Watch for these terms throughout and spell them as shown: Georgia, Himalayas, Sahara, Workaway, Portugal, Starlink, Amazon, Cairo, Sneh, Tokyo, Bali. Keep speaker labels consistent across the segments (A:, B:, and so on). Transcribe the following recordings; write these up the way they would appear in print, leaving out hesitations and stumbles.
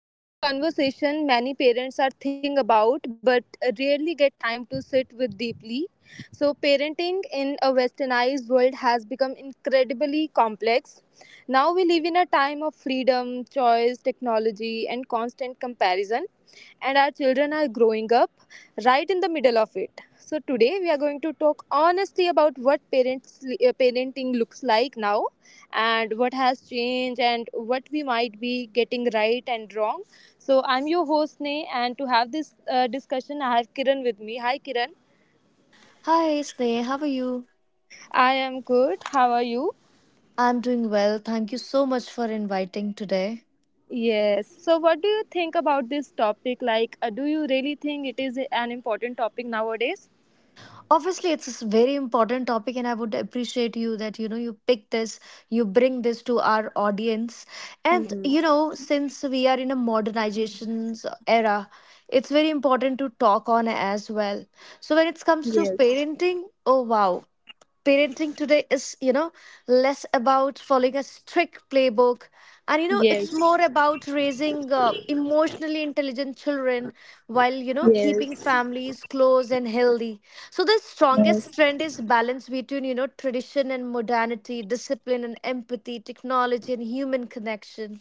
A: This is a conversation many parents are thinking about but rarely get time to sit with deeply. So, parenting in a westernized world has become incredibly complex. Now we live in a time of freedom, choice, technology, and constant comparison, and our children are growing up right in the middle of it. So today we are going to talk honestly about what parents parenting looks like now, and what has changed, and what we might be getting right and wrong. So I'm your host Nay, and to have this discussion I have Kiran with me. Hi Kiran.
B: Hi, Sneh. How are you?
A: I am good. How are you?
B: I'm doing well. Thank you so much for inviting today.
A: Yes. So what do you think about this topic, like, do you really think it is an important topic nowadays?
B: Obviously, it's a very important topic, and I would appreciate you that you know you pick this, you bring this to our audience. And
A: Mm,
B: you know, since we are in a modernization's era, it's very important to talk on as well. So when it comes to
A: yes,
B: parenting, oh wow, parenting today is you know less about following a strict playbook and you know it's
A: yes.
B: more about raising emotionally intelligent children while you know keeping
A: Yes,
B: families close and healthy. So the
A: yes.
B: strongest trend is balance between you know tradition and modernity, discipline and empathy, technology and human connection.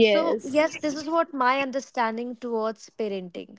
B: So yes, this is what my understanding towards parenting.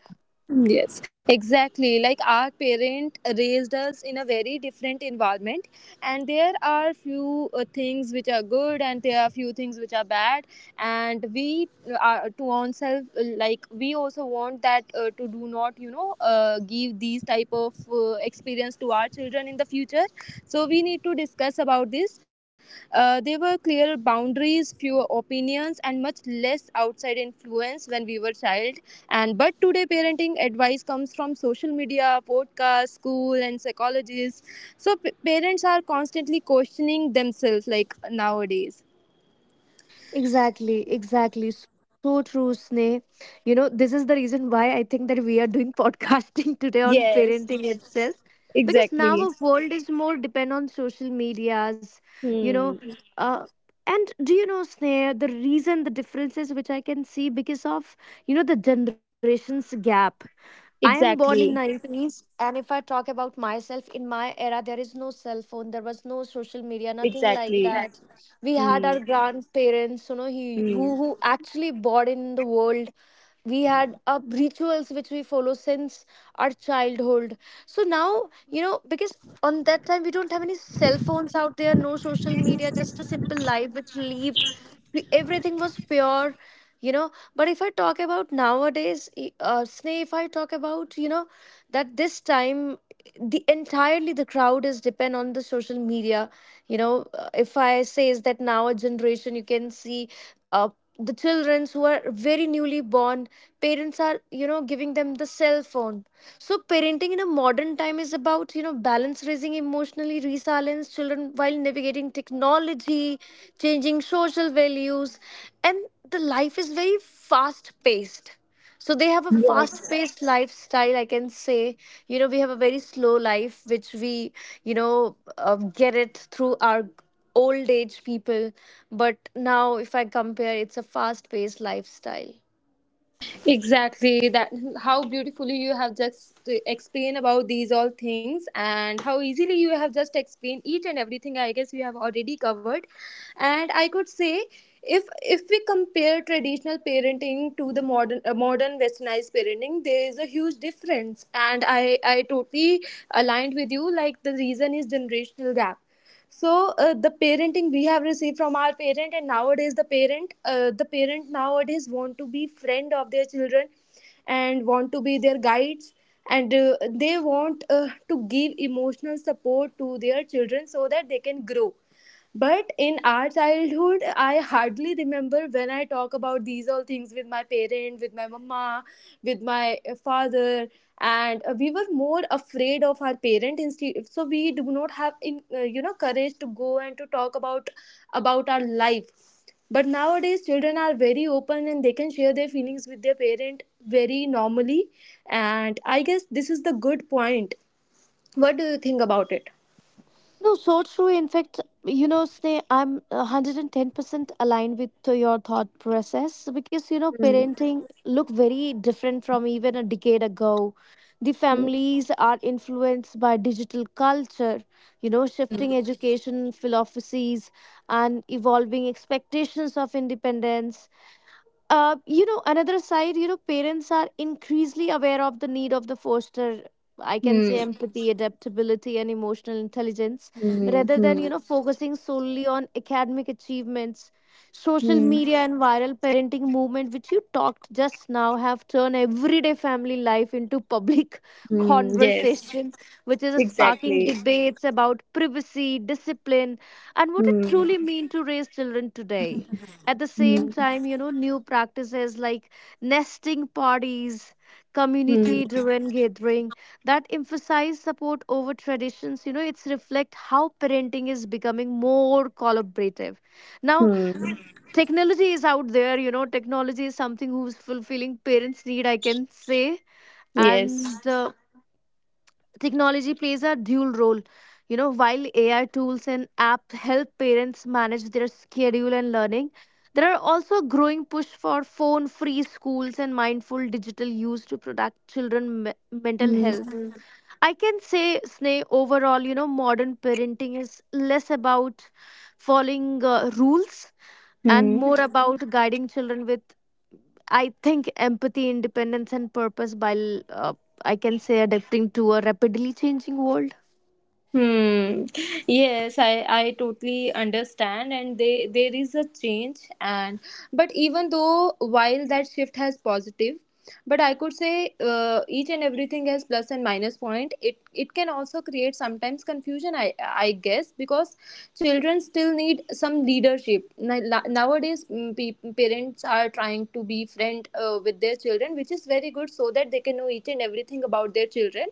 A: Yes, exactly. Like, our parent raised us in a very different environment, and there are few things which are good, and there are few things which are bad. And we are to ourselves, like, we also want that to do not, give these type of experience to our children in the future, so we need to discuss about this. There were clear boundaries, fewer opinions, and much less outside influence when we were child. And but today parenting advice comes from social media, podcasts, school, and psychologists, so parents are constantly questioning themselves, like, nowadays.
B: Exactly, exactly. So true, Sneh. You know, this is the reason why I think that we are doing podcasting today on
A: Yes,
B: parenting itself. Because now
A: exactly.
B: our world is more depend on social medias, you
A: Hmm.
B: know. Uh, and do you know, Sneh, the reason the differences which I can see because of, you know, the generations gap. I am born in
A: Exactly.
B: 90s, and if I talk about myself, in my era there is no cell phone, there was no social media, nothing like
A: Exactly.
B: that. We had
A: Hmm.
B: our grandparents, you know, he,
A: Hmm.
B: who actually bought in the world. We had rituals which we follow since our childhood. So now, you know, because on that time we don't have any cell phones out there, no social media, just a simple life which lived, everything was pure, you know. But if I talk about nowadays, Sneh, if I talk about, you know, that this time the entirely the crowd is depend on the social media. You know, if I say is that now a generation, you can see uh, the children who are very newly born, parents are, you know, giving them the cell phone. So parenting in a modern time is about, you know, balance raising emotionally resilience children while navigating technology, changing social values, and the life is very fast paced. So they have a fast paced lifestyle, I can say. You know, we have a very slow life, which we, you know, get it through our old age people. But now, if I compare, it's a fast paced lifestyle.
A: Exactly. That, how beautifully you have just explained about these all things, and how easily you have just explained each and everything. I guess we have already covered, and I could say, if we compare traditional parenting to the modern westernized parenting, there is a huge difference, and I totally aligned with you. Like, the reason is generational gap. So, the parenting we have received from our parent, and nowadays the parent nowadays want to be friend of their children and want to be their guides, and they want to give emotional support to their children so that they can grow. But in our childhood, I hardly remember when I talk about these all things with my parent, with my mama, with my father, and we were more afraid of our parent instead. So we do not have, in courage to go and to talk about our life. But nowadays, children are very open and they can share their feelings with their parent very normally. And I guess this is the good point. What do you think about it?
B: No, so true. In fact, you know, Sneh, I'm 110% aligned with to your thought process because, you know,
A: Hmm.
B: parenting look very different from even a decade ago. The
A: Hmm.
B: families are influenced by digital culture, you know, shifting education philosophies and evolving expectations of independence. You know, another side, you know, parents are increasingly aware of the need of the foster, I can say
A: Hmm.
B: empathy, yes, adaptability and emotional intelligence
A: Hmm.
B: rather than
A: Hmm.
B: you know focusing solely on academic achievements. Social
A: Hmm.
B: media and viral parenting movement which you talked just now have turned everyday family life into public
A: Mm, yes,
B: conversation, which is sparking
A: exactly.
B: debates about privacy, discipline, and what it
A: Hmm.
B: truly means to raise children today. At the same
A: Hmm.
B: time, you know, new practices like nesting parties,
A: Hmm.
B: community driven gathering that emphasize support over traditions, you know, it's reflect how parenting is becoming more collaborative now.
A: Hmm.
B: Technology is out there, you know, technology is something who's fulfilling parents need, I can say.
A: Yes.
B: And Technology plays a dual role. You know, while AI tools and apps help parents manage their schedule and learning, there are also a growing push for phone free schools and mindful digital use to protect mental
A: Hmm.
B: health. Mm. I can say, Sneh, overall, you know, modern parenting is less about following rules and more, mhm,
A: Mm.
B: about guiding children with, I think, empathy, independence, and purpose while, I can say, adapting to a rapidly changing world.
A: Hmm. Yes, I totally understand, and they there is a change. And but even though while that shift has positive, but I could say, each and everything has plus and minus point. It can also create sometimes confusion. I guess, because children still need some leadership. Now, nowadays, parents are trying to be friend with their children, which is very good, so that they can know each and everything about their children,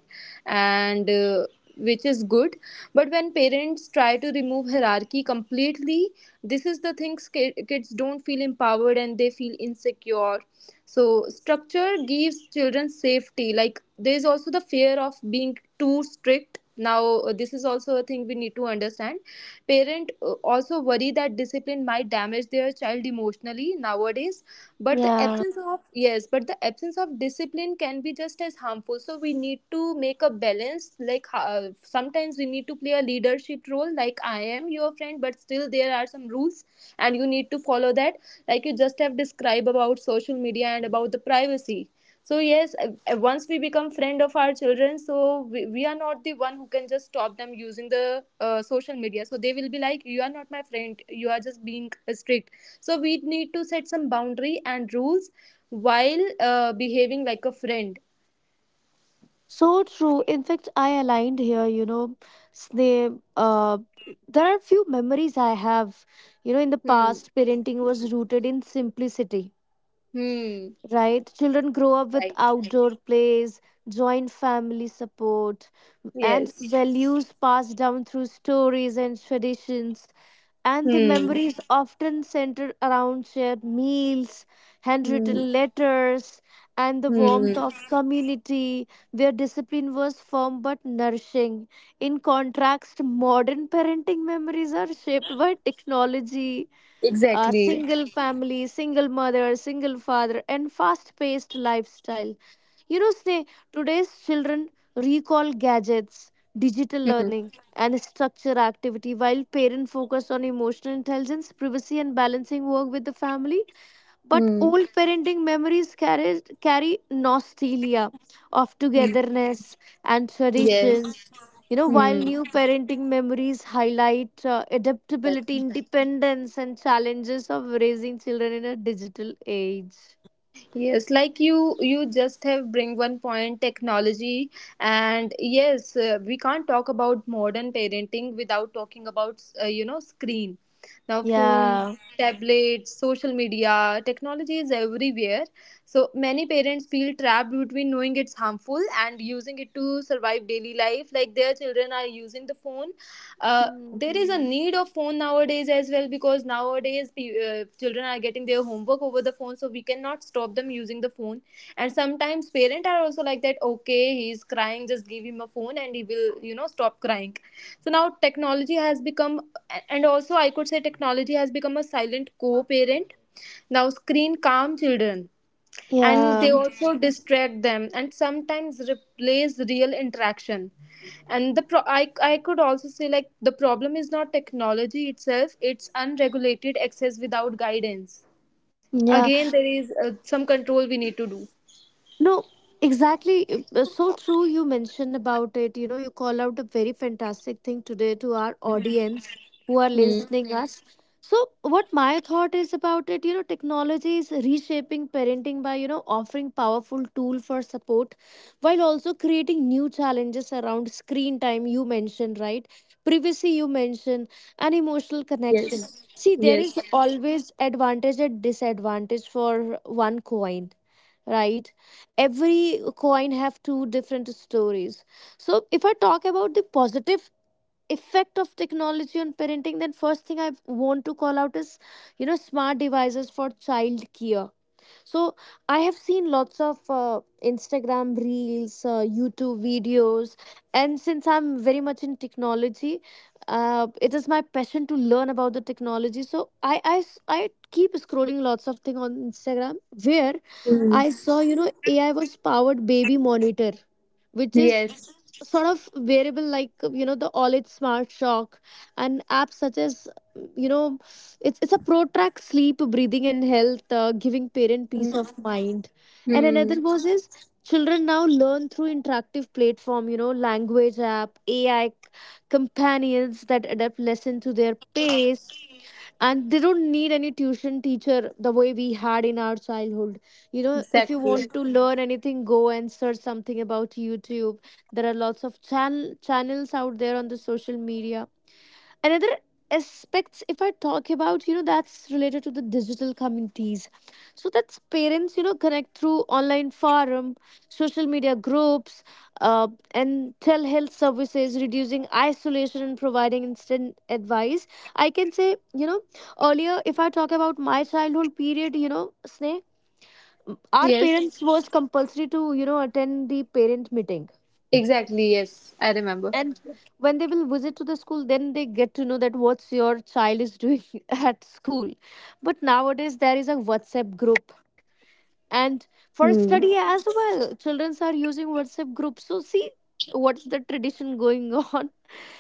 A: and. Which is good. But when parents try to remove hierarchy completely, this is the things, kids don't feel empowered and they feel insecure. So structure gives children safety. Like, there is also the fear of being too strict now. This is also a thing we need to understand. Parent also worry that discipline might damage their child emotionally nowadays. But the
B: Yeah,
A: absence of yes, but the absence of discipline can be just as harmful. So we need to make a balance. Like, sometimes we need to play a leadership role. Like, I am your friend, but still there are some rules, and you need to follow that. Like, you just have described about social media and about the privacy. So yes, once we become friend of our children, so we are not the one who can just stop them using the social media. So they will be like, you are not my friend, you are just being strict. So we need to set some boundary and rules while behaving like a friend.
B: so true. In fact, I aligned here, you know, Sneh, there are few memories I have. You know, in the
A: Hmm.
B: past, parenting was rooted in simplicity,
A: Hmm.
B: right? Children grow up with
A: Right.
B: outdoor plays, joint family support, and
A: Yes.
B: values passed down through stories and traditions. And the
A: Hmm.
B: memories often center around shared meals,
A: Hmm.
B: handwritten letters, and the warmth
A: Hmm.
B: of community where discipline was firm but nourishing. In contrast, modern parenting memories are shaped by technology,
A: Exactly.
B: single family, single mother, single father, and fast paced lifestyle. You know, Sneh, today's children recall gadgets, digital
A: Hmm.
B: learning, and structure activity while parents focus on emotional intelligence, privacy, and balancing work with the family. But
A: Hmm.
B: old parenting memories carry nostalgia of
A: Hmm.
B: togetherness and
A: Yes.
B: traditions. You know, while
A: Hmm.
B: new parenting memories highlight adaptability,
A: Exactly.
B: independence, and challenges of raising children in a digital age.
A: Yes, like, you just have bring one point, technology, and yes, we can't talk about modern parenting without talking about screen. Now, phones,
B: Yeah.
A: tablets, social media, technology is everywhere. So many parents feel trapped between knowing it's harmful and using it to survive daily life. Like, their children are using the phone. There is
B: Hmm.
A: a need of phone nowadays as well, because nowadays children are getting their homework over the phone, so we cannot stop them using the phone. And sometimes parents are also like that, okay, he's crying, just give him a phone and he will stop crying. So now technology has become, and also I could say technology has become a silent co-parent. Now screen calm children, and they
B: Ya,
A: also distract them and sometimes replace real interaction. And I could also say, like, the problem is not technology itself, it's unregulated access without guidance.
B: ya.
A: Again, there is some control we need to do.
B: No, exactly. So true. You mentioned about it. You know, you call out a very fantastic thing today to our audience who are
A: Hmm.
B: listening, mm, us. So, what my thought is about it, you know, technology is reshaping parenting by, you know, offering powerful tool for support while also creating new challenges around screen time you mentioned, right? Privacy you mentioned, and emotional connection.
A: Yes.
B: See, there is,
A: Yes.
B: yes, always advantage and disadvantage for one coin, right? Every coin have two different stories. So if I talk about the positive effect of technology on parenting, then first thing I want to call out is, you know, smart devices for child care. So I have seen lots of Instagram reels, YouTube videos, and since I'm very much in technology, it is my passion to learn about the technology. So I keep scrolling lots of things on Instagram where
A: Hmm.
B: I saw you know AI was powered baby monitor, which is
A: Yes.
B: sort of variable like you know the all smart shock and apps such as you know it's a protract sleep breathing and health giving parent peace of mind. And
A: Hmm.
B: another was is children now learn through interactive platform, you know, language app, AI companions that adapt lesson to their pace, and they don't need any tuition teacher the way we had in our childhood. You know, if you
A: Exactly.
B: want to learn anything, go and search something about YouTube. There are lots of channels out there on the social media. Another aspects if I talk about, you know, that's related to the digital communities. So that's parents, you know, connect through online forum, social media groups, uh, and telehealth services reducing isolation and providing instant advice, I can say. You know, earlier if I talk about my childhood period, you know, Sneh, our
A: Yes.
B: parents was compulsory to you know attend the parent meeting.
A: Exactly. Yes, I remember.
B: And when they will visit to the school, then they get to know that what's your child is doing at school. But nowadays there is a WhatsApp group, and for
C: Hmm.
B: study as well, children are using WhatsApp group. So see what's the tradition going on.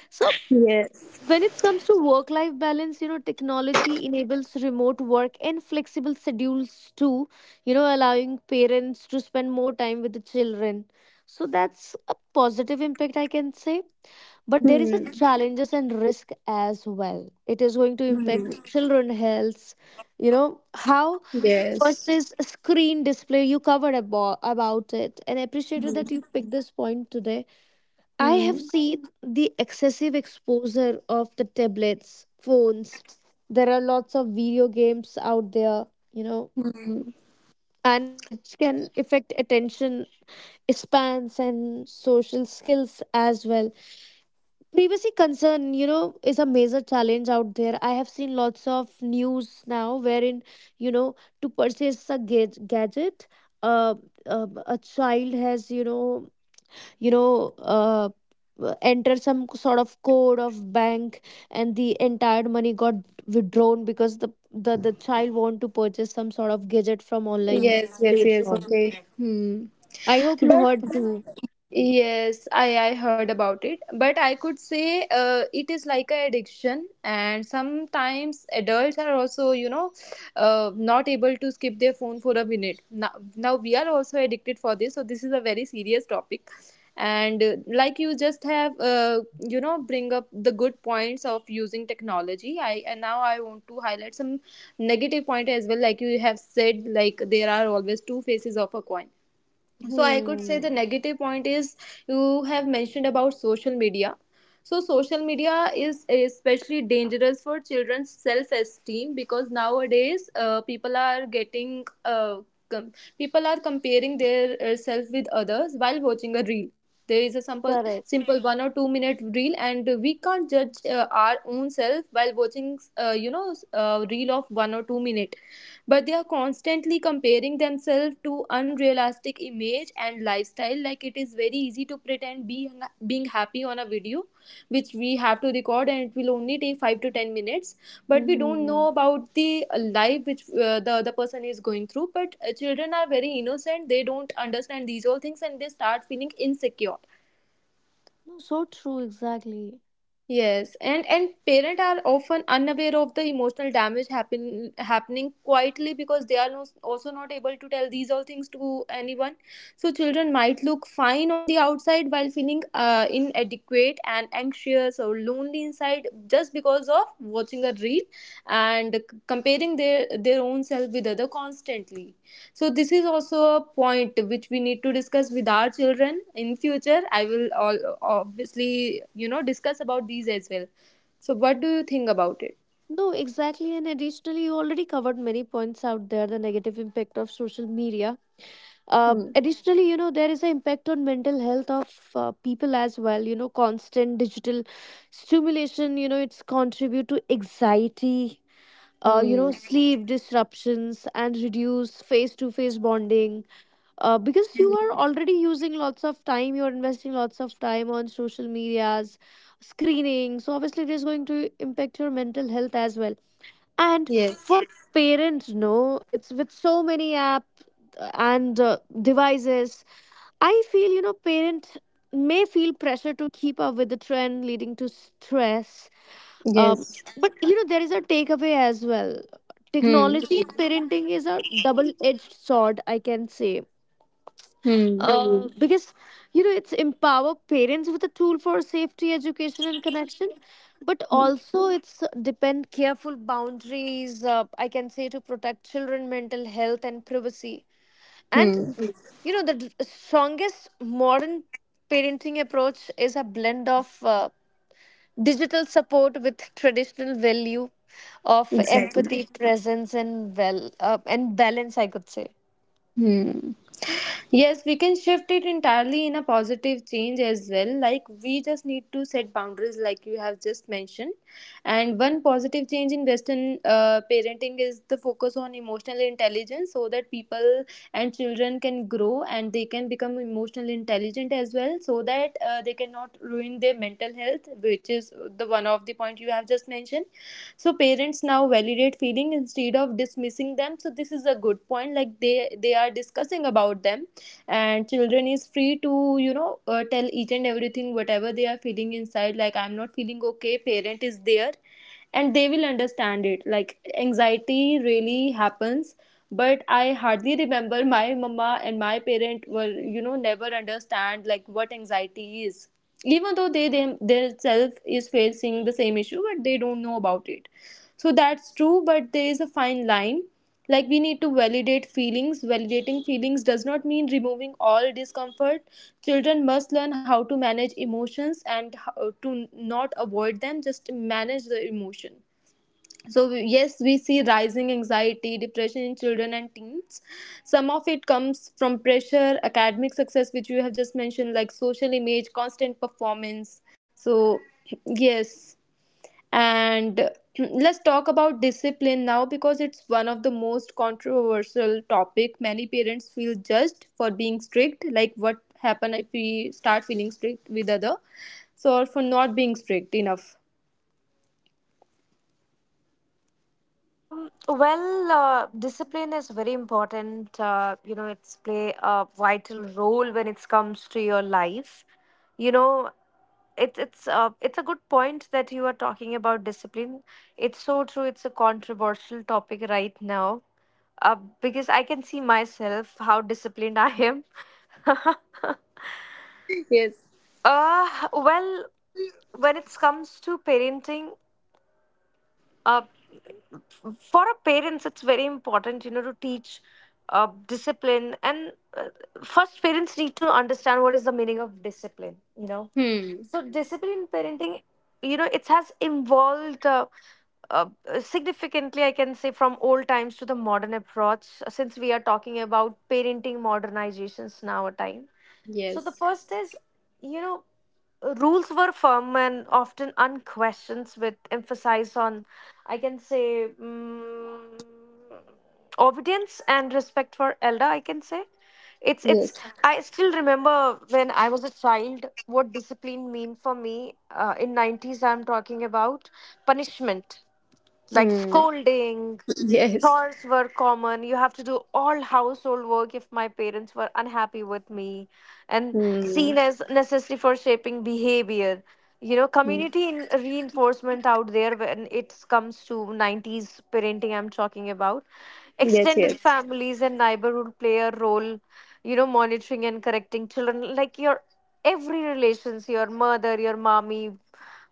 B: So
C: Yes.
B: when it comes to work life balance, you know, technology enables remote work and flexible schedules too, you know, allowing parents to spend more time with the children. So that's a positive impact, I can say. But there is a
C: Hmm.
B: challenges and risk as well, it is going to
C: Hmm.
B: impact children health. You know, how? First
C: Yes.
B: is screen display, you covered about it and appreciated
C: Hmm.
B: that you picked this point today. I have
C: Hmm.
B: seen the excessive exposure of the tablets, phones, there are lots of video games out there, you know,
C: Hmm.
B: and it can affect attention spans and social skills as well. Privacy concern, you know, is a major challenge out there. I have seen lots of news now wherein, you know, to purchase a gadget, uh, a child has, you know, you know, uh, enter some sort of code of bank, and the entire money got withdrawn because the child want to purchase some sort of gadget from online
C: Yes. Yes. Yes.
B: platform.
C: Okay. Hmm.
B: I hope you
C: But
B: heard too.
C: yes, I heard about it, but I could say it is like an addiction, and sometimes adults are also, you know, not able to skip their phone for a minute. Now we are also addicted for this, so this is a very serious topic. And like you just have, you know, bring up the good points of using technology. I and now I want to highlight some negative point as well. Like you have said, like there are always two faces of a coin, so I could say the
B: Hmm.
C: negative point is, you have mentioned about social media. So social media is especially dangerous for children's self esteem, because nowadays people are getting com- people are comparing their self with others while watching a reel. There is a simple
B: Correct.
C: simple 1 or 2 minute reel and we can't judge our own self while watching you know, a reel of 1 or 2 minute. But they are constantly comparing themselves to unrealistic image and lifestyle, like it is very easy to pretend being happy on a video which we have to record and it will only take 5 to 10 minutes. But we don't know
B: Hmm.
C: about the life which the other person is going through, but children are very innocent, they don't understand these all things and they start feeling insecure.
B: No, so true, exactly.
C: Yes, and parents are often unaware of the emotional damage happening quietly because they are no, also not able to tell these all things to anyone. So children might look fine on the outside while feeling inadequate and anxious or lonely inside just because of watching a reel and comparing their own self with other constantly. So this is also a point which we need to discuss with our children in future. I will all obviously you know discuss about these as well. So what do you think about it?
B: No, exactly. And additionally, you already covered many points out there the negative impact of social media.
C: Hmm.
B: Additionally, you know, there is an impact on mental health of people as well. You know, constant digital stimulation, you know, it's contribute to anxiety, you
C: Hmm.
B: know, sleep disruptions and reduce face to face bonding. Because you are
C: Hmm.
B: already using lots of time, you're investing lots of time on social medias, screening. So obviously, it is going to impact your mental health as well. And
C: Yes,
B: for parents, no, it's with so many app and devices. I feel, you know, parents may feel pressure to keep up with the trend, leading to stress. Um,
C: yes.
B: but you know there is a takeaway as well.
C: Hmm.
B: Technology in parenting is a double-edged sword, I can say,
C: Hmm.
B: because you know it's empower parents with a tool for safety, education and connection, but
C: Hmm.
B: also it's depend careful boundaries, I can say, to protect children mental health and privacy. And
C: Hmm.
B: mm. You know the strongest modern parenting approach is a blend of digital support with traditional value of
C: Exactly.
B: empathy presence and and balance I could say.
C: Hmm. Yes, we can shift it entirely in a positive change as well. Like, we just need to set boundaries, like you have just mentioned. And one positive change in Western parenting is the focus on emotional intelligence so that people and children can grow and they can become emotionally intelligent as well, so that they cannot ruin their mental health, which is the one of the point you have just mentioned. So, parents now validate feeling instead of dismissing them. So, this is a good point, like, they are discussing about them, and children is free to you know tell each and everything whatever they are feeling inside, like I'm not feeling okay, parent is there and they will understand it, like anxiety really happens. But I hardly remember my mama and my parent were, you know, never understand like what anxiety is, even though they themselves is facing the same issue but they don't know about it. So that's true, but there is a fine line, like we need to validate feelings. Validating feelings does not mean removing all discomfort. Children must learn how to manage emotions and how to not avoid them, just manage the emotion. So yes we see rising anxiety depression in children and teens, some of it comes from pressure academic success which you have just mentioned, like social image constant performance. So yes. And let's talk about discipline now because it's one of the most controversial topic. Many parents feel judged for being strict, like what happen if we start feeling strict with other, so or for not being strict enough.
B: Discipline is very important. You know, it's play a vital role when it comes to your life. You know, it's a good point that you are talking about discipline. It's so true. It's a controversial topic right now. Uh, because I can see myself how disciplined I am.
C: Yes.
B: uh, well, when it comes to parenting, uh, for our parents it's very important, you know, to teach discipline, and first parents need to understand what is the meaning of discipline, you know.
C: Hmm.
B: So discipline in parenting, you know, it has evolved uh, significantly, I can say, from old times to the modern approach, since we are talking about parenting modernizations now a time. So the
C: Yes.
B: first is, you know, rules were firm and often unquestioned with emphasis on, I can say, obedience and respect for elder, I can say. It's
C: Yes.
B: I still remember when I was a child what discipline mean for me, in 90's I'm talking about. Punishment like
C: Hmm.
B: scolding.
C: Yes.
B: Chores were common. You have to do all household work if my parents were unhappy with me, and
C: Hmm.
B: seen as necessary for shaping behavior. You know,
C: Hmm.
B: community reinforcement out there when it comes to 90's parenting, I'm talking about.
C: Yes.
B: Extended
C: Yes.
B: families and neighborhood play a role, you know, monitoring and correcting children. Like your every relations, your mother, your mommy,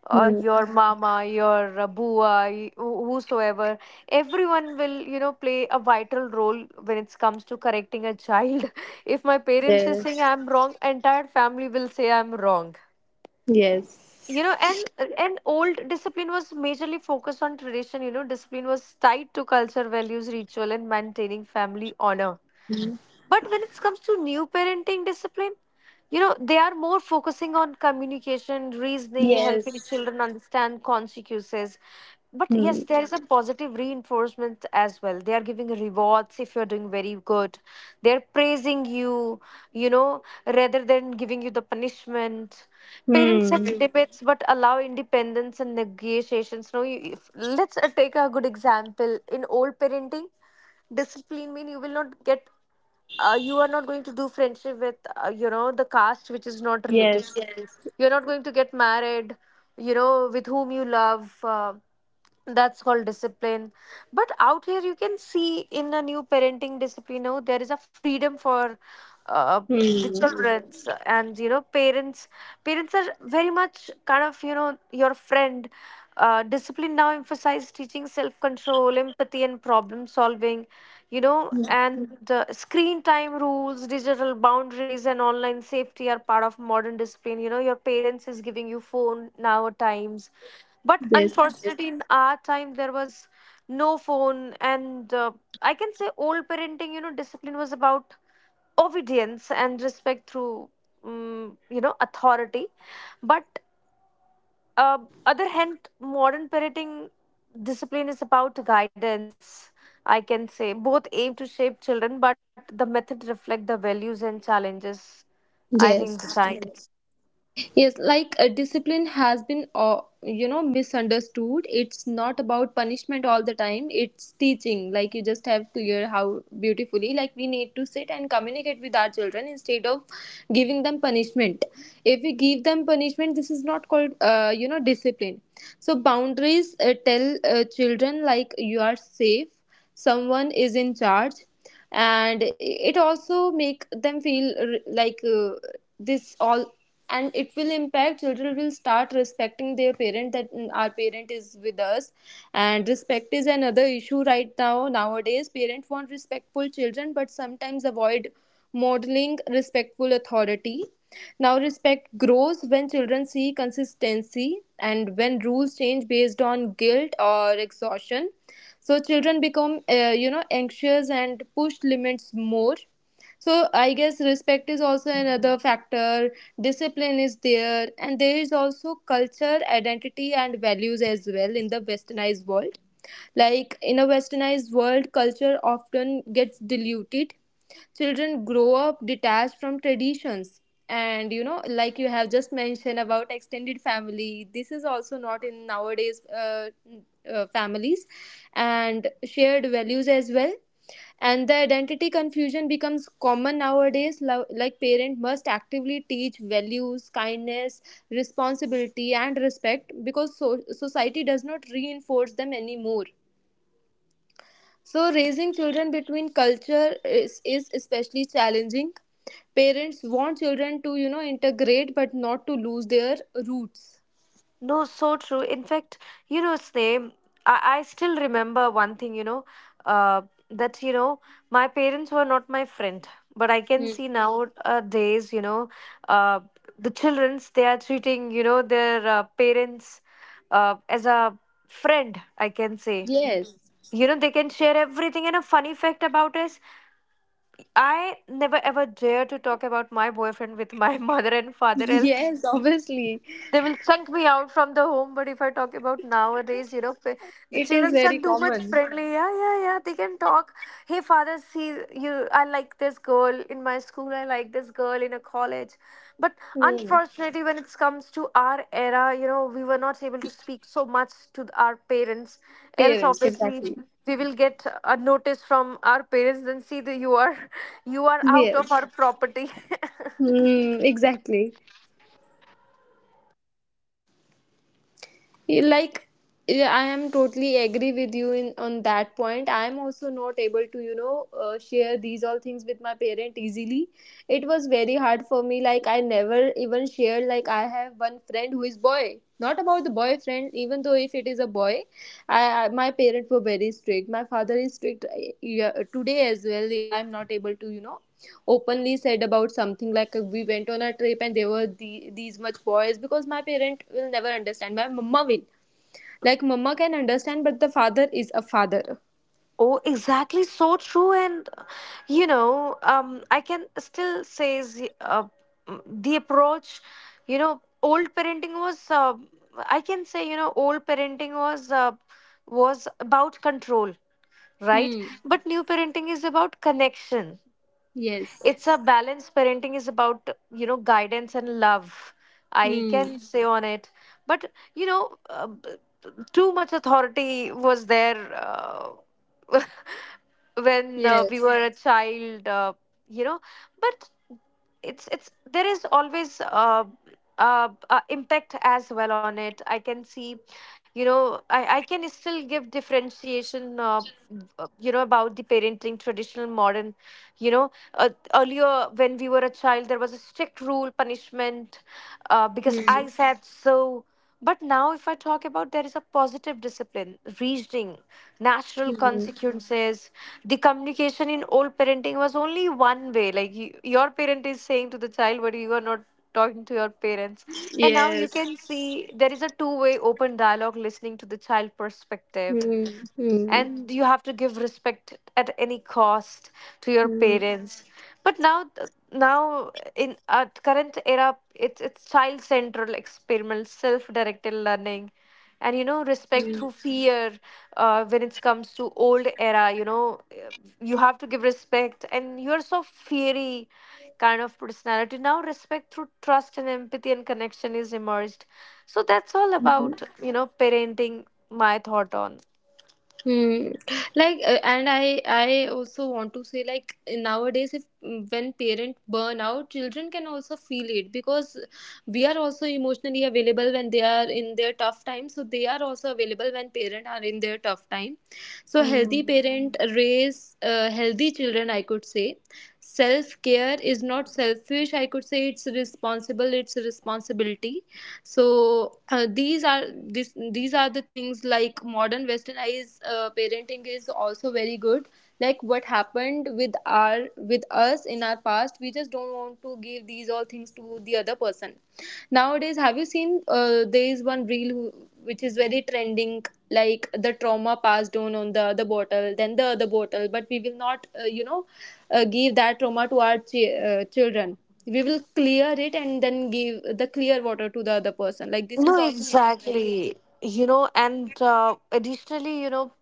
C: Hmm.
B: your mama, your bua, whosoever, everyone will, you know, play a vital role when it comes to correcting a child. If my parents is saying
C: Yes.
B: I'm wrong, entire family will say I'm wrong.
C: Yes.
B: You know, and old discipline was majorly focused on tradition. You know, discipline was tied to culture values, ritual and maintaining family honor. But when it comes to new parenting discipline, you know, they are more focusing on communication, reasoning, helping
C: Yes.
B: children understand consequences. But
C: Hmm.
B: yes, there is a positive reinforcement as well. They are giving rewards if you're doing very good. They're praising you, you know, rather than giving you the punishment. Parents set
C: Hmm.
B: Limits but allow independence and negotiations. No, you, if, let's take a good example. In old parenting, discipline mean you will not get, you are not going to do friendship with, you know, the caste which is not related
C: Yes.
B: to you. Yes. You're not going to get married, you know, with whom you love. That's called discipline, but out here you can see in a new parenting discipline, you know, there is a freedom for the
C: Hmm.
B: children. And you know, parents are very much kind of, you know, your friend. Discipline now emphasizes teaching self-control, empathy and problem solving. You know, and screen time rules, digital boundaries and online safety are part of modern discipline. You know, your parents is giving you phone now, but
C: Yes.
B: unfortunately in our time there was no phone. And I can say old parenting, you know, discipline was about obedience and respect through you know, authority. But uh, other hand, modern parenting discipline is about guidance, I can say. Both aim to shape children but the method reflect the values and challenges, I think the
C: Yes.
B: time.
C: Yes, like discipline has been, you know, misunderstood. It's not about punishment all the time. It's teaching. Like you just have clear how beautifully. Like we need to sit and communicate with our children instead of giving them punishment. If we give them punishment, this is not called, you know, discipline. So boundaries tell children, like you are safe, someone is in charge, and it also make them feel like this all, and it will impact children will start respecting their parent, that our parent is with us. And respect is another issue right now, nowadays parents want respectful children but sometimes avoid modeling respectful authority. Now respect grows when children see consistency and when rules change based on guilt or exhaustion, so children become you know anxious and push limits more. So I guess respect is also another factor. Discipline is there and there is also culture identity and values as well in the westernized world. Like in a westernized world, culture often gets diluted. Children grow up detached from traditions. And you know, like you have just mentioned about extended family, this is also not in nowadays families, and shared values as well, and the identity confusion becomes common nowadays like parent must actively teach values kindness responsibility and respect because society does not reinforce them anymore. So, raising children between culture is especially challenging. Parents want children to, you know, integrate but not to lose their roots.
B: No, so true. In fact, you know, Sneh, I still remember one thing, you know, uh, that, you know, my parents were not my friend. But I can
C: Hmm.
B: see nowadays, you know, uh, the childrens, they are treating, you know, their parents as a friend, I can say.
C: Yes,
B: You know, they can share everything. And a funny fact about us, I never ever dare to talk about my boyfriend with my mother and father, else
C: yes, obviously.
B: they will chunk me out from the home. But if I talk about nowadays, you know, the
C: It is
B: children are
C: very
B: too much
C: common.
B: friendly. Yeah, yeah, yeah. They can talk. Hey, father, see you. I like this girl in my school. I like this girl in a college. But
C: Hmm.
B: unfortunately, when it comes to our era, you know, we were not able to speak so much to our parents. Else,
C: Parents,
B: obviously.
C: exactly.
B: We will get a notice from our parents, then see that you are you are out of
C: Yes.
B: our property.
C: Hmm, exactly. Like yeah, I am totally agree with you in on that point. I am also not able to you know share these all things with my parent easily. It was very hard for me, like I never even shared, like I have one friend who is boy, not about the boyfriend, even though if it is a boy. I my parents were very strict, my father is strict, yeah, today as well I am not able to you know openly said about something like we went on a trip and there were these much boys because my parent will never understand, my mama will, like mama can understand but the father is a father.
B: Oh, exactly. So true. And, you know, I can still say the, the approach, you know, old parenting was, I can say, you know, old parenting was about control, right?
C: Hmm.
B: But new parenting is about connection.
C: Yes.
B: It's a balanced parenting is about, you know, guidance and love, I
C: Hmm.
B: can say on it. But, you know, too much authority was there. When we
C: Yes.
B: were a child, you know. But it's there is always impact as well on it, I can see. You know, I can still give differentiation, you know, about the parenting traditional modern. You know, earlier when we were a child there was a strict rule punishment, because
C: Hmm.
B: I said so. But now, if I talk about, there is a positive discipline, reasoning, natural
C: Hmm.
B: consequences. The communication in old parenting was only one way. Like you, your parent is saying to the child, but you are not talking to your parents. And now you
C: Yes.
B: can see there is a two-way open dialogue, listening to the child perspective,
C: Hmm. Hmm.
B: and you have to give respect at any cost to your
C: Hmm.
B: parents. But now in at current era it's child central experiment, self directed learning, and you know, respect
C: Hmm.
B: through fear. When it comes to old era, you know, you have to give respect and you're so fiery kind of personality. Now respect through trust and empathy and connection is emerged. So that's all
C: Hmm.
B: about, you know, parenting, my thought on.
C: Hmm. Like, and I also want to say, like, nowadays, if mm, when parent burn out, children can also feel it because we are also emotionally available when they are in their tough time. So they are also available when parent are in their tough time. So healthy parent raise healthy children, I could say. Self care is not selfish. I could say it's responsible. It's a responsibility. So these are the things, like modern westernized parenting is also very good, like what happened with our with us in our past, we just don't want to give these all things to the other person. Nowadays have you seen there is one reel who, which is very trending, like the trauma passed on the other bottle then the other bottle, but we will not you know give that trauma to our children. We will clear it and then give the clear water to the other person, like this
B: No,
C: is also inner drain.
B: exactly. You know, and additionally, you know,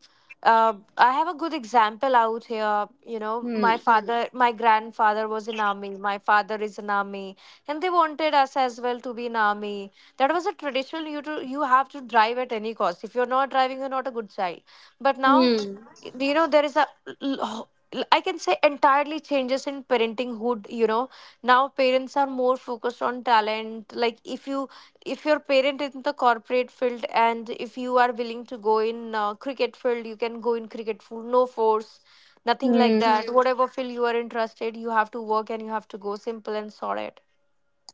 B: I have a good example out here. You know, my
C: Hmm.
B: Father, my grandfather was in army. My father is in army, and they wanted us as well to be in army. That was a traditional. You have to drive at any cost. If you're not driving, you're not a good child. But now,
C: Hmm.
B: you know, there is a, I can say, entirely changes in parentinghood. You know, now parents are more focused on talent. Like if you, if your parent is in the corporate field and if you are willing to go in cricket field, you can go in cricket field. No force, nothing like
C: Hmm.
B: that. Hmm. Whatever field you are interested, you have to work and you have to go, simple and solid.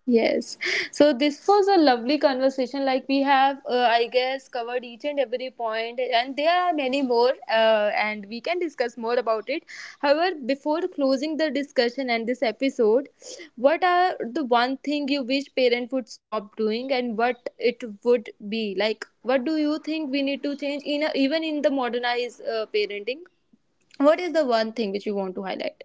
C: Yes. So this was a lovely conversation. Like we have, I guess, covered each and every point, and there are many more, and we can discuss more about it. However, before closing the discussion and this episode, what are the one thing you wish parents would stop doing, and what it would be? Like, what do you think we need to change in a, even in the modernized parenting? What is the one thing which you want to highlight?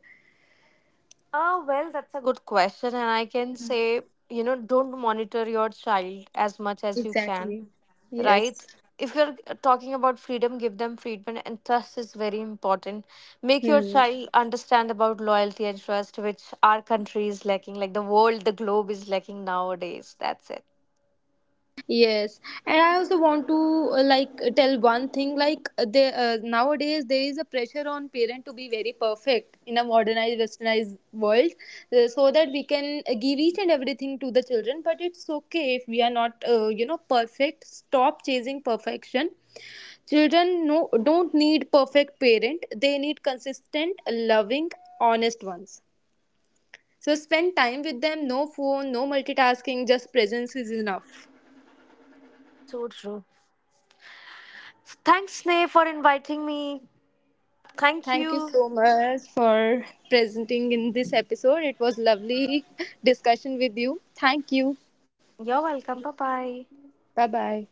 B: Ah well, that's a good question, and I can say, you know, don't monitor your child as much as you can.
C: Exactly.
B: Right?
C: Yes.
B: If you're talking about freedom, give them freedom, and trust is very important. Make your
C: Hmm.
B: child understand about loyalty and trust, which our country is lacking, like the world, the globe is lacking nowadays. That's it.
C: Hmm. Yes, and I also want to like tell one thing like they, nowadays there is a pressure on parent to be very perfect in a modernized westernized world. So that we can give each and everything to the children, but it's okay if we are not you know perfect. Stop chasing perfection. Children no don't need perfect parent, they need consistent loving honest ones. So spend time with them, no phone, no multitasking, just presence is enough.
B: So true. Thanks, Sneh, for inviting me. Thank you.
C: Thank you so much for presenting in this episode. It was lovely discussion with you. Thank you.
B: You're welcome. Bye bye.
C: Bye bye.